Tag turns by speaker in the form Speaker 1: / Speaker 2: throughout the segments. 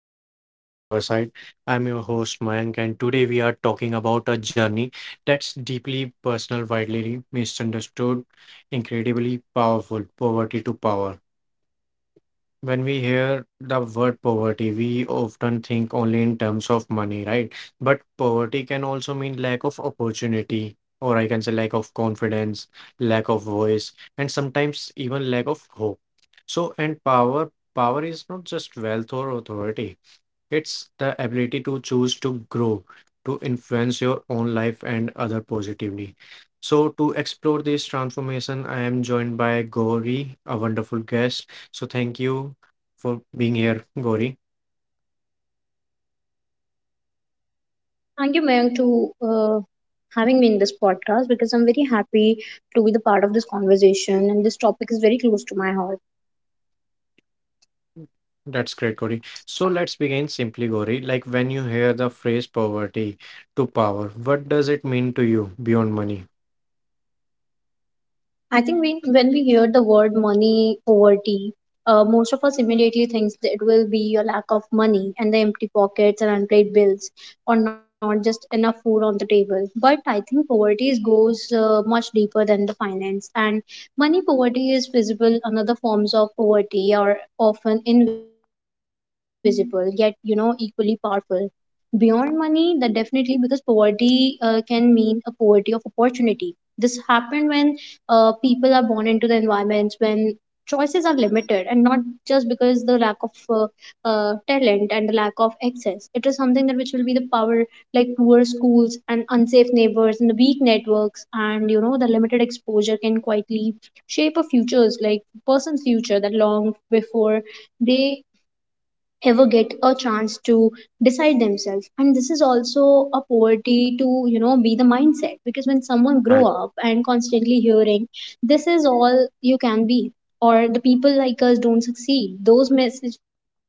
Speaker 1: back to the podcast Riverside. I'm your host Mayank, and today we are talking about a journey that's deeply personal, widely misunderstood, incredibly powerful poverty to power. When we hear the word poverty, we often think only in terms of money, right? But poverty can also mean lack of opportunity, or I can say lack of confidence, lack of voice, and sometimes even lack of hope. So, and power, power is not just wealth or authority. It's the ability to choose to grow, to influence your own life and other positively. So, to explore this transformation, I am joined by Gauri, a wonderful guest. So, thank you for being here, Gauri.
Speaker 2: Thank you, Mayank, to having me in this podcast because I'm very happy to be the part of this conversation, and this topic is very close to my heart.
Speaker 1: That's great, Gauri. So, let's begin simply, Gauri. Like when you hear the phrase poverty to power, what does it mean to you beyond money?
Speaker 2: I think when we hear the word money over tea, most of us immediately thinks that it will be a lack of money and the empty pockets and unpaid bills, or not just enough food on the table. But I think poverty goes much deeper than the finance, and money poverty is visible. Another forms of poverty are often invisible, yet you know equally powerful. Beyond money, that definitely because poverty can mean a poverty of opportunity. This happened when people are born into the environments when choices are limited and not just because the lack of talent and the lack of access. It is something that which will be the power, like poor schools and unsafe neighbors and the weak networks and you know the limited exposure can quietly shape a futures, like person's future, that long before they ever get a chance to decide themselves. And this is also a poverty to you know be the mindset, because when someone grow
Speaker 1: Right.
Speaker 2: up and constantly hearing this is all you can be or the people like us don't succeed, those messages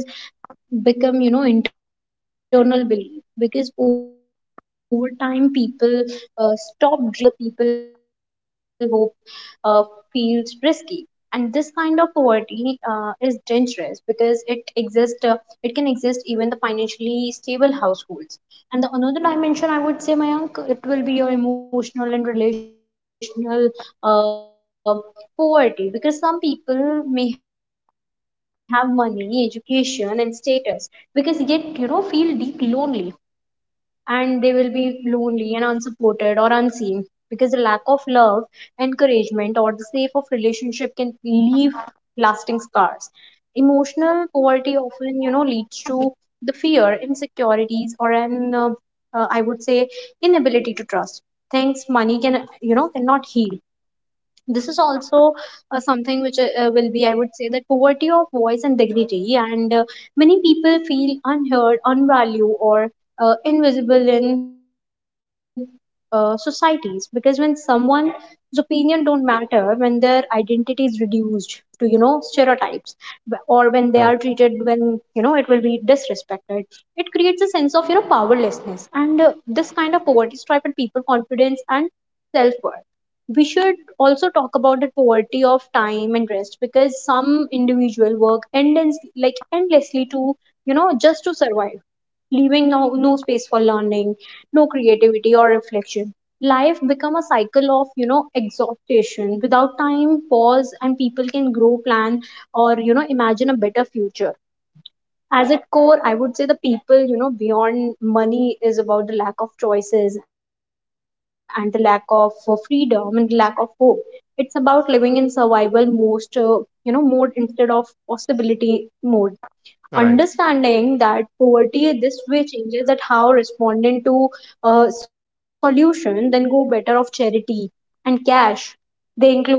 Speaker 2: become you know internal belief. Because over time people stop dreaming, not because that they lack of ambition, but you know the people hope uh, feels risky. And this kind of poverty is dangerous because it exists, it can exist even the financially stable households. And the another dimension, I would say, Mayank, it will be your emotional and relational uh, poverty, because some people may have money, education, and status, because yet you know feel deep lonely, and they will be lonely and unsupported or unseen. Because the lack of love, encouragement, or the safe of relationship can leave lasting scars. Emotional poverty often, you know, leads to the fear, insecurities, or an I would say inability to trust. Things money can, you know, cannot heal. This is also something which will be I would say that poverty of voice and dignity. And many people feel unheard, unvalued, or invisible in societies, because when someone's opinion don't matter, when their identity is reduced to you know stereotypes, or when they are treated when you know it will be disrespected, it creates a sense of you know powerlessness. And this kind of poverty striped people confidence and self worth. We should also talk about the poverty of time and rest, because some individual work endless, like endlessly to you know just to survive, leaving no space for learning, no creativity or reflection. Life become a cycle of you know exhaustion without time pause, and people can grow plan or you know imagine a better future. As at core I would say the people you know beyond money is about the lack of choices and the lack of freedom and the lack of hope. It's about living in survival most you know mode instead of possibility mode. Understanding
Speaker 1: Right.
Speaker 2: that poverty this way changes that how responding to a solution then go better of charity and cash. They include you know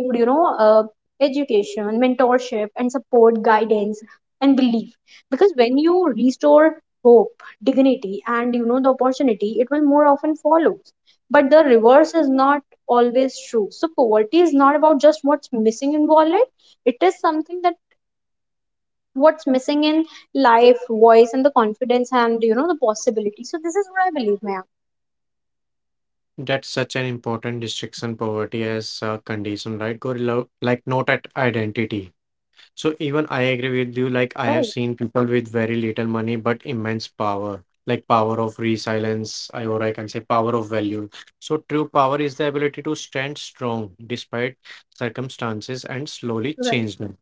Speaker 2: education, mentorship and support, guidance and belief. Because when you restore hope, dignity and you know the opportunity, it will more often follow. But the reverse is not always true. So poverty is not about just what's missing in wallet, it is something that what's missing in life, voice, and the confidence and you know the possibility. So this is what I believe, ma'am.
Speaker 1: That's such an important distinction, poverty as a condition, right, Gauri? Like not at identity. So even I agree with you. Like I have
Speaker 2: Right,
Speaker 1: seen people with very little money but immense power, like power of resilience, I or I can say power of value. So true power is the ability to stand strong despite circumstances and
Speaker 2: right.
Speaker 1: slowly change them.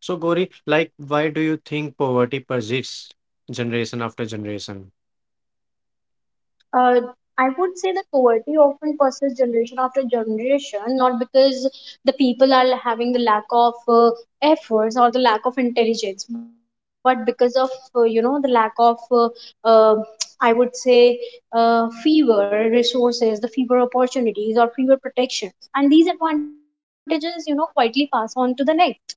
Speaker 1: So Gori, like why do you think poverty persists generation after generation?
Speaker 2: Uh, I would say that poverty often persists generation after generation, not because the people are having the lack of efforts or the lack of intelligence, but because of you know the lack of uh, I would say fewer resources, the fewer opportunities or fewer protections, and these advantages you know quietly pass on to the next.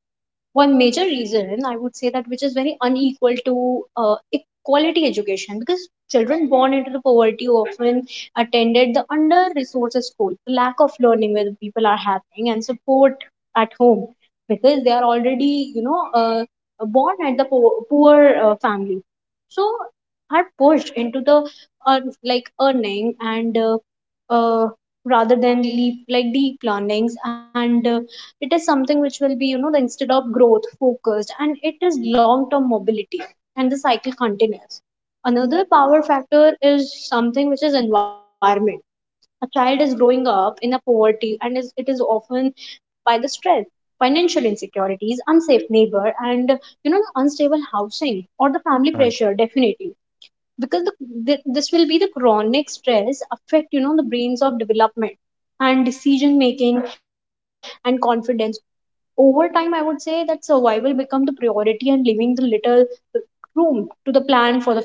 Speaker 2: One major reason I would say that which is very unequal to quality education, because children born into the poverty often attended the under resourced school, the lack of learning where the are having and support at home. Because they are already you know born at the poor family, so are pushed into the earn like earning and uh, rather than leap like deep learnings. And it is something which will be you know the instead of growth focused, and it is long term mobility, and the cycle continues. Another power factor is something which is environment. A child is growing up in a poverty and it is often by the stress, financial insecurities, unsafe neighbor, and you know the unstable housing or the family
Speaker 1: Uh,
Speaker 2: pressure definitely. Because th this will be the chronic stress affect you know the brains of development and decision making and confidence. Over time I would say that survival become the priority and leaving the little room to the plan for the future.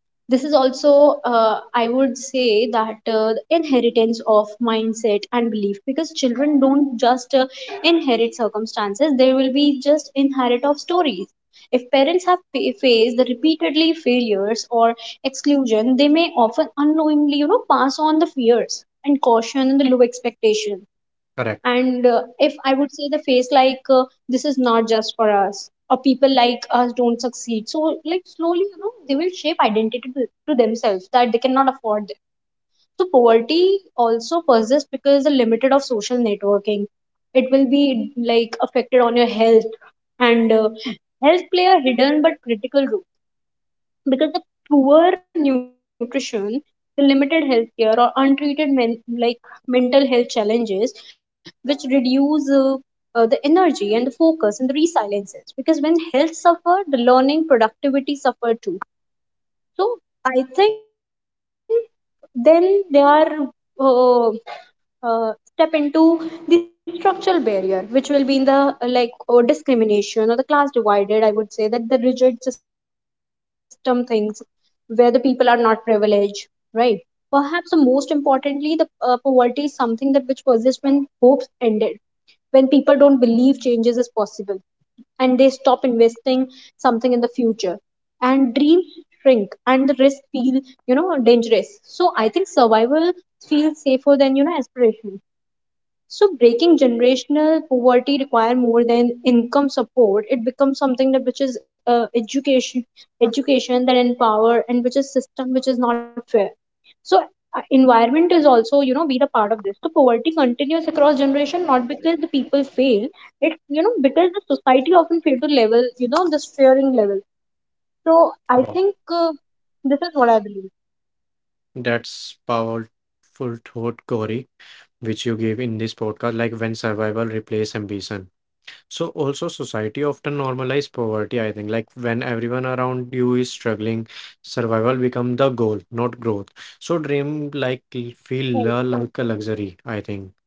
Speaker 2: This is also I would say that the inheritance of mindset and belief, because children don't just inherit circumstances, they will be just inherit of stories. If parents have faced the repeatedly failures or exclusion, they may often unknowingly you know pass on the fears and caution and the low expectation.
Speaker 1: Correct.
Speaker 2: And if I would say the face like this is not just for us or people like us don't succeed, so like slowly you know they will shape identity to, that they cannot afford. So poverty also persists because the limited of social networking. It will be like affected on your health. And health play a hidden but critical role, because the poor nutrition, the limited healthcare or untreated like mental health challenges, which reduce the energy and the focus and the resiliences. Because when health suffer, the learning productivity suffer too. So I think then they are uh, step into the structural barrier, which will be in the like or discrimination or the class divided. I would say that the rigid system things where the people are not privileged, right? Perhaps the most importantly, the poverty is something that which persists when hopes ended, when people don't believe changes is possible, and they stop investing something in the future, and dreams shrink, and the risk feel you know dangerous. So I think survival feels safer than you know aspiration. So breaking generational poverty require more than income support. It becomes something that which is education, education that empower, and which is system which is not fair. So environment is also you know be the part of this. So poverty continues across generation not because the people fail, it you know because the society often fail to level you know this fearing level. So I
Speaker 1: Oh,
Speaker 2: think this is what I believe.
Speaker 1: that's powerful thought, Corey, which you gave in this podcast, like when survival replaces ambition. So also society often normalize poverty, I think. Like when everyone around you is struggling, survival become the goal, not growth. So dream like
Speaker 2: Right.
Speaker 1: feel like a luxury, I think.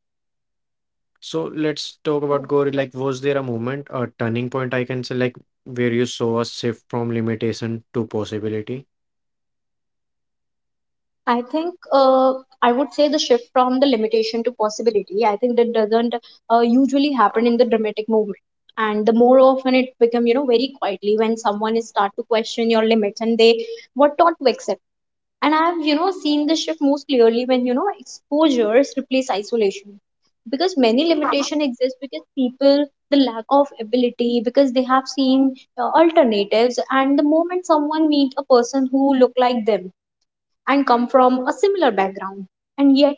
Speaker 1: So let's talk about, Gauri. Like was there a moment, a turning point I can say, like where you saw a shift from limitation to possibility?
Speaker 2: I think I would say the shift from the limitation to possibility. I think that doesn't usually happen in the dramatic movement, the more often it become you know very quietly when someone is start to question your limits and they what not to accept. And I've you know seen the shift most clearly when you know exposures replace isolation, because many limitation exist because people the lack of ability, because they have seen alternatives. And the moment someone meet a person who look like them and come from a similar background, and yet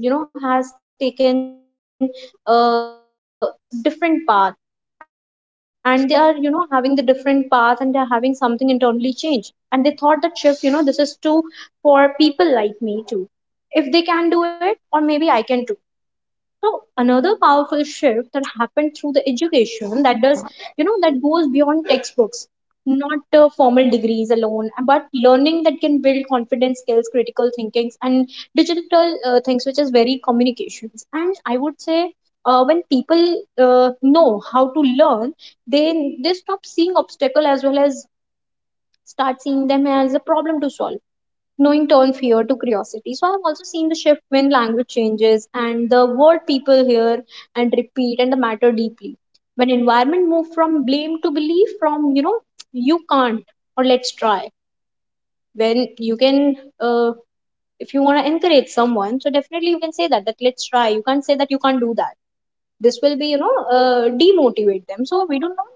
Speaker 2: you know has taken a different path, and they are you know having the different path, and they're having something internally changed, and they thought that shift you know this is too, for people like me too, if they can do it or maybe I can too. So another powerful shift that happened through the education that does, you know, that goes beyond textbooks, not formal degrees alone, but learning that can build confidence, skills, critical thinkings, and digital things, which is very communications. And I would say. When people know how to learn, they stop seeing obstacle as well as start seeing them as a problem to solve, knowing turned fear to curiosity. So I've also seen the shift when language changes, and the word people hear and repeat and matter deeply. When environment move from blame to belief, from you know you can't or let's try. When you can, uh, want to encourage someone, so definitely you can say that that let's try. You can't say that you can't do that. This will be you know demotivate them. So we do not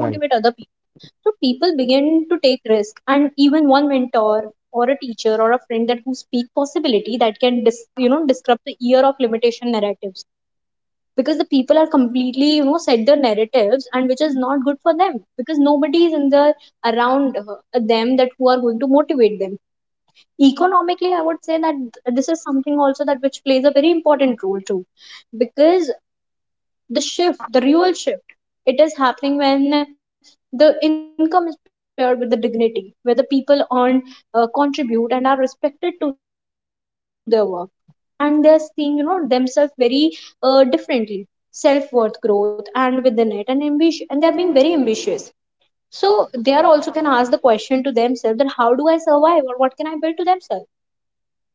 Speaker 1: Right.
Speaker 2: other people, so people begin to take risk. And even one mentor or a teacher or a friend that who speak possibility that can disrupt the year of limitation narratives, because the people are completely set their narratives, and which is not good for them because nobody is in the around them that who are going to motivate them economically. I would say that this is something also that which plays a very important role too. Because the shift, the real shift. It is happening when the income is paired with the dignity, where the people earn, contribute, and are respected to their work. And they're seeing, you know, themselves very differently, self-worth growth, and within it, and ambition, and they're being very ambitious. So they are also can ask the question to themselves that how do I survive or what can I build to themselves? And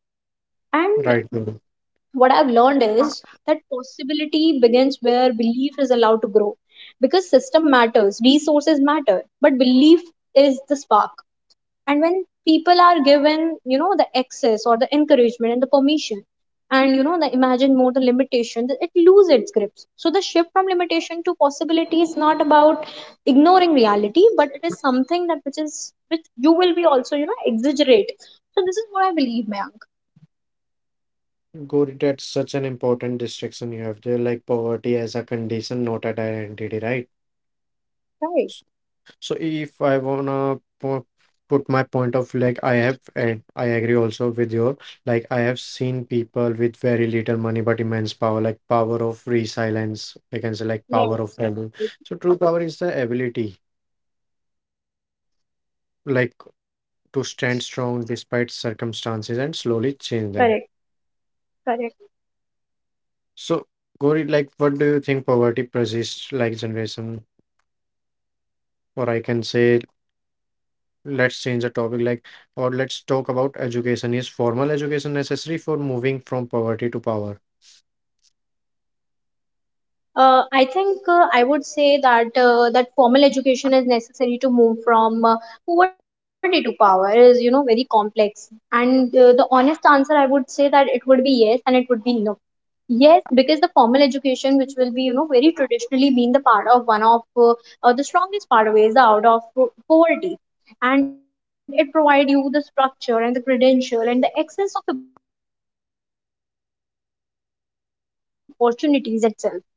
Speaker 2: what
Speaker 1: Right,
Speaker 2: I've
Speaker 1: Gauri.
Speaker 2: learned is that possibility begins where belief is allowed to grow. Because system matters, resources matter, but belief is the spark. And when people are given, you know, the access or the encouragement and the permission, and you know, the imagine more the limitation, that it lose its grips. So the shift from limitation to possibility is not about ignoring reality, but it is something that which is which you will be also, you know, exaggerate. So this is what I believe, Mayank.
Speaker 1: Gauri, that's such an important distinction you have there, like poverty as a condition, not an identity, right?
Speaker 2: Right.
Speaker 1: So if I wanna put my point of, like I have and I agree also with your, like I have seen people with very little money but immense power, like power of resilience, I can say, like power of value.
Speaker 2: Right.
Speaker 1: So true power is the ability, like to
Speaker 2: Correct,
Speaker 1: stand strong despite circumstances and slowly change them. So
Speaker 2: correct.
Speaker 1: Gori, like what do you think poverty persists like generation, or I can say, let's change the topic, like, or let's talk about education. Is formal education necessary for moving from poverty to power?
Speaker 2: I think I would say that that formal education is necessary to move from poverty to power is you know very complex. And the honest answer I would say that it would be yes and it would be no. Yes, because the formal education, which will be you know very traditionally been the part of one of the strongest pathways out of poverty, and it provide you the structure and the credential and the access of opportunities itself.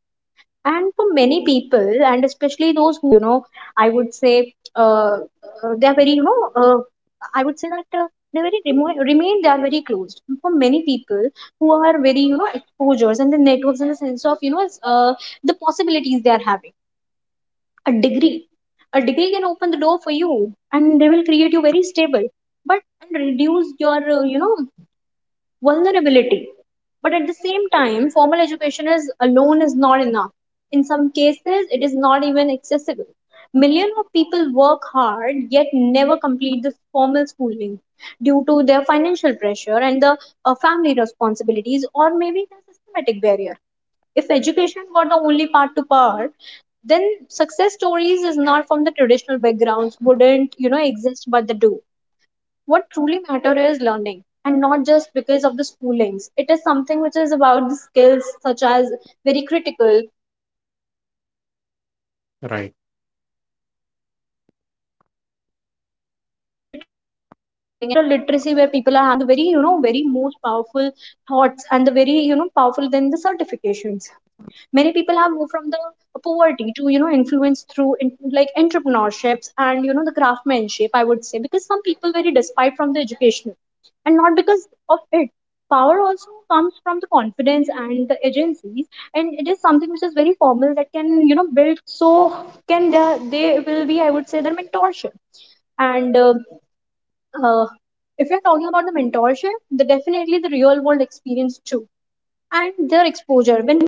Speaker 2: And for many people, and especially those who are very marginalized with their backgrounds and schools, and you know, they very remain they are very closed. For many people who are very you know exposures and the networks in the sense of you know, the possibilities they are having. A degree, a degree can open the door for you, and they will create you very stable, but and reduce your you know vulnerability. But at the same time, formal education is alone is not enough. In some cases, it is not even accessible. Millions of people work hard yet never complete the formal schooling due to their financial pressure and the family responsibilities, or maybe the systematic barrier. If education were the only part to part, then success stories is not from the traditional backgrounds wouldn't you know exist, but they do. What truly matter is learning, and not just because of the schoolings. It is something which is about the skills such as very critical thinking and the communications and the
Speaker 1: Right.
Speaker 2: problem you know solving, the adaptability, the digital literacy, where people are having the very you know very most powerful thoughts, and the very you know powerful than the certifications. Many people have moved from the poverty to you know influence through like entrepreneurships and you know the craftsmanship, I would say, because some people very despite from the educational and not because of it. Power also comes from the confidence and the agencies, and it is something which is very formal that can you know build. So can they will be I would say their mentorship, and uh, if we are talking about the mentorship, the definitely the real world experience too, and their exposure when.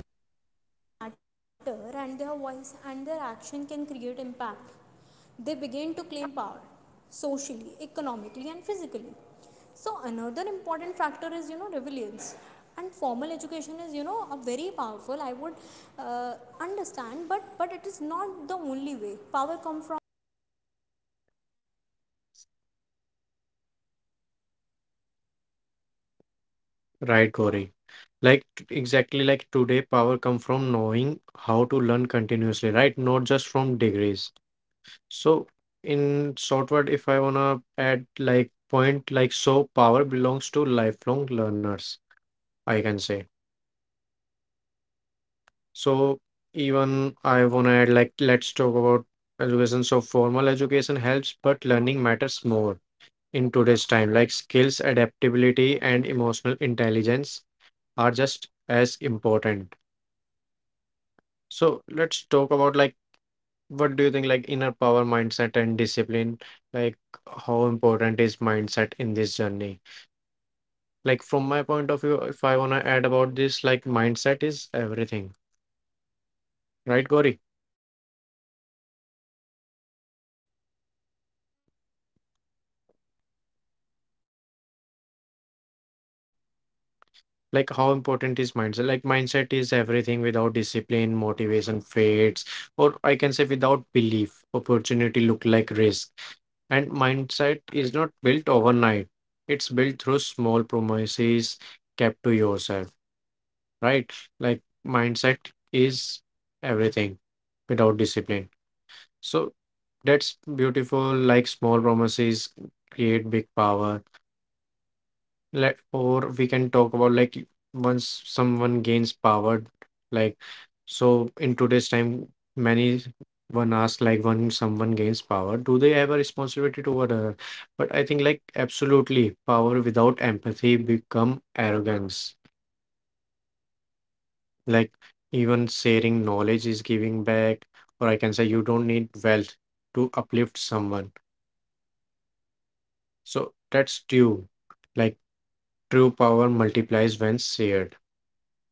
Speaker 1: Right, Gauri. Like exactly, like today power come from knowing how to learn continuously, right, not just from degrees. So in short word, if I wanna add like point, like so power belongs to lifelong learners, I can say. So even I wanna add, like let's talk about education. So formal education helps, but learning matters more in today's time. Like skills, adaptability, and emotional intelligence are just as important. So let's talk about like, what do you think, like inner power, mindset and discipline, like how important is mindset in this journey? Like from my point of view, if I want to add about this, like mindset is everything, right, Gori? Like how important is mindset? Like mindset is everything. Without discipline, motivation fades, or I can say, without belief, opportunity look like risk. And mindset is not built overnight. It's built through small promises kept to yourself, right? Like mindset is everything without discipline. So that's beautiful, like small promises create big power. Let, or we can talk about, like once someone gains power, like so in today's time, many one asks, like when someone gains power, do they have a responsibility toward other? But I think like absolutely, power without empathy become arrogance. Like even sharing knowledge is giving back, or I can say you don't need wealth to uplift someone. So that's true. Like true power multiplies when shared.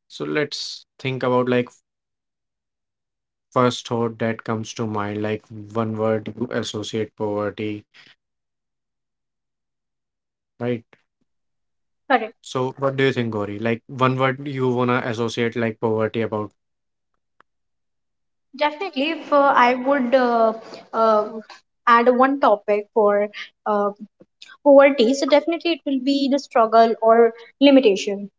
Speaker 1: So let's think about like first thought that comes to mind, like one word you associate poverty, right? So what do you think, Gori? Like one word you wanna associate like poverty about?
Speaker 2: Definitely, if I would uh, add one topic for uh, poverty, so definitely it will be the struggle or limitation.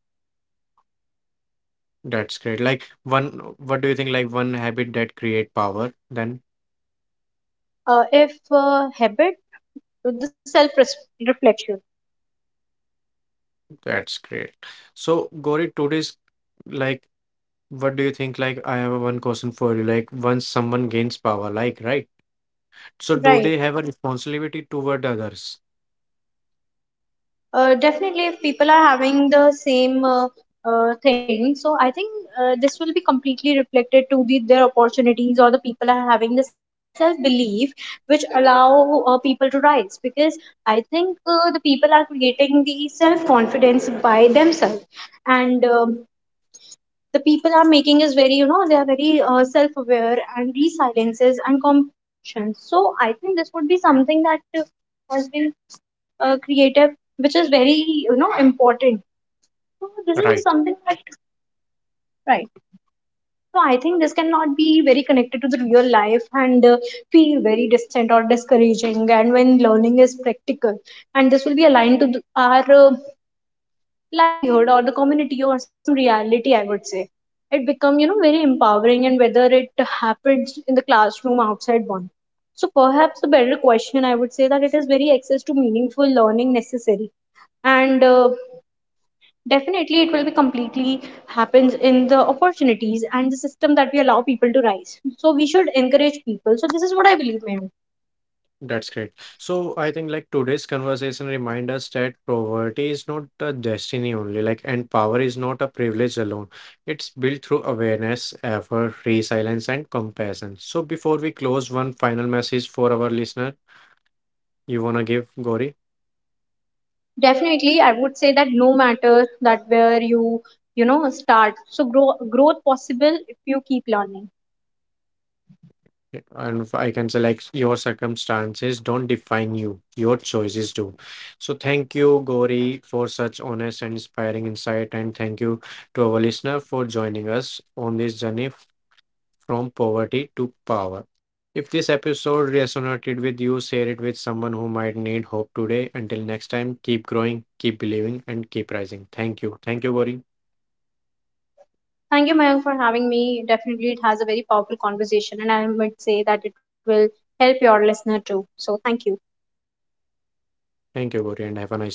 Speaker 1: That's great. Like one, what do you think, like one habit that create power, then?
Speaker 2: If habit, the self reflection,
Speaker 1: That's great. So Gori, today's, like what do you think? Like I have one question for you. Like once someone gains power, like, right? So
Speaker 2: right?
Speaker 1: do they have a responsibility toward others?
Speaker 2: Definitely, if people are having the same thing, so I think this will be completely reflected to the, their opportunities, or the people are having the self belief which allow people to rise. Because I think the people are creating the self confidence by themselves, and the people are making is very you know they are very self aware and resiliences and compassion. So I think this would be something that has been creative, which is very you know important, so this
Speaker 1: Right.
Speaker 2: is something that right. So I think this cannot be very connected to the real life, and feel very distant or discouraging. And when learning is practical, and this will be aligned to the, our livelihood or the community or some reality, I would say it become you know very empowering, and whether it happens in the classroom outside one. So perhaps a better question I would say that it is very access to meaningful learning necessary. And definitely, it will be completely happens in the opportunities and the system that we allow people to rise. So we should encourage people. So this is what I believe, ma'am.
Speaker 1: That's great. So I think like today's conversation remind us that poverty is not a destiny only, like, and power is not a privilege alone. It's built through awareness, effort, resilience, and compassion. So before we close, one final message for our listener you wanna give, Gauri?
Speaker 2: Definitely, I would say that no matter that where you know start, so growth possible if you keep learning.
Speaker 1: Yeah, and if I can say like your circumstances don't define you, your choices do. So thank you, Gauri, for such honest and inspiring insight, and thank you to our listener for joining us on this journey from poverty to power. If this episode resonated with you, share it with someone who might need hope today. Until next time, keep growing, keep believing, and keep rising. Thank you. Thank you, Gauri.
Speaker 2: Thank you, ma'am, for having me. Definitely, it has a very powerful conversation, and I would say that it will help your listener too. So thank you.
Speaker 1: Thank you, Gauri, and have a nice day.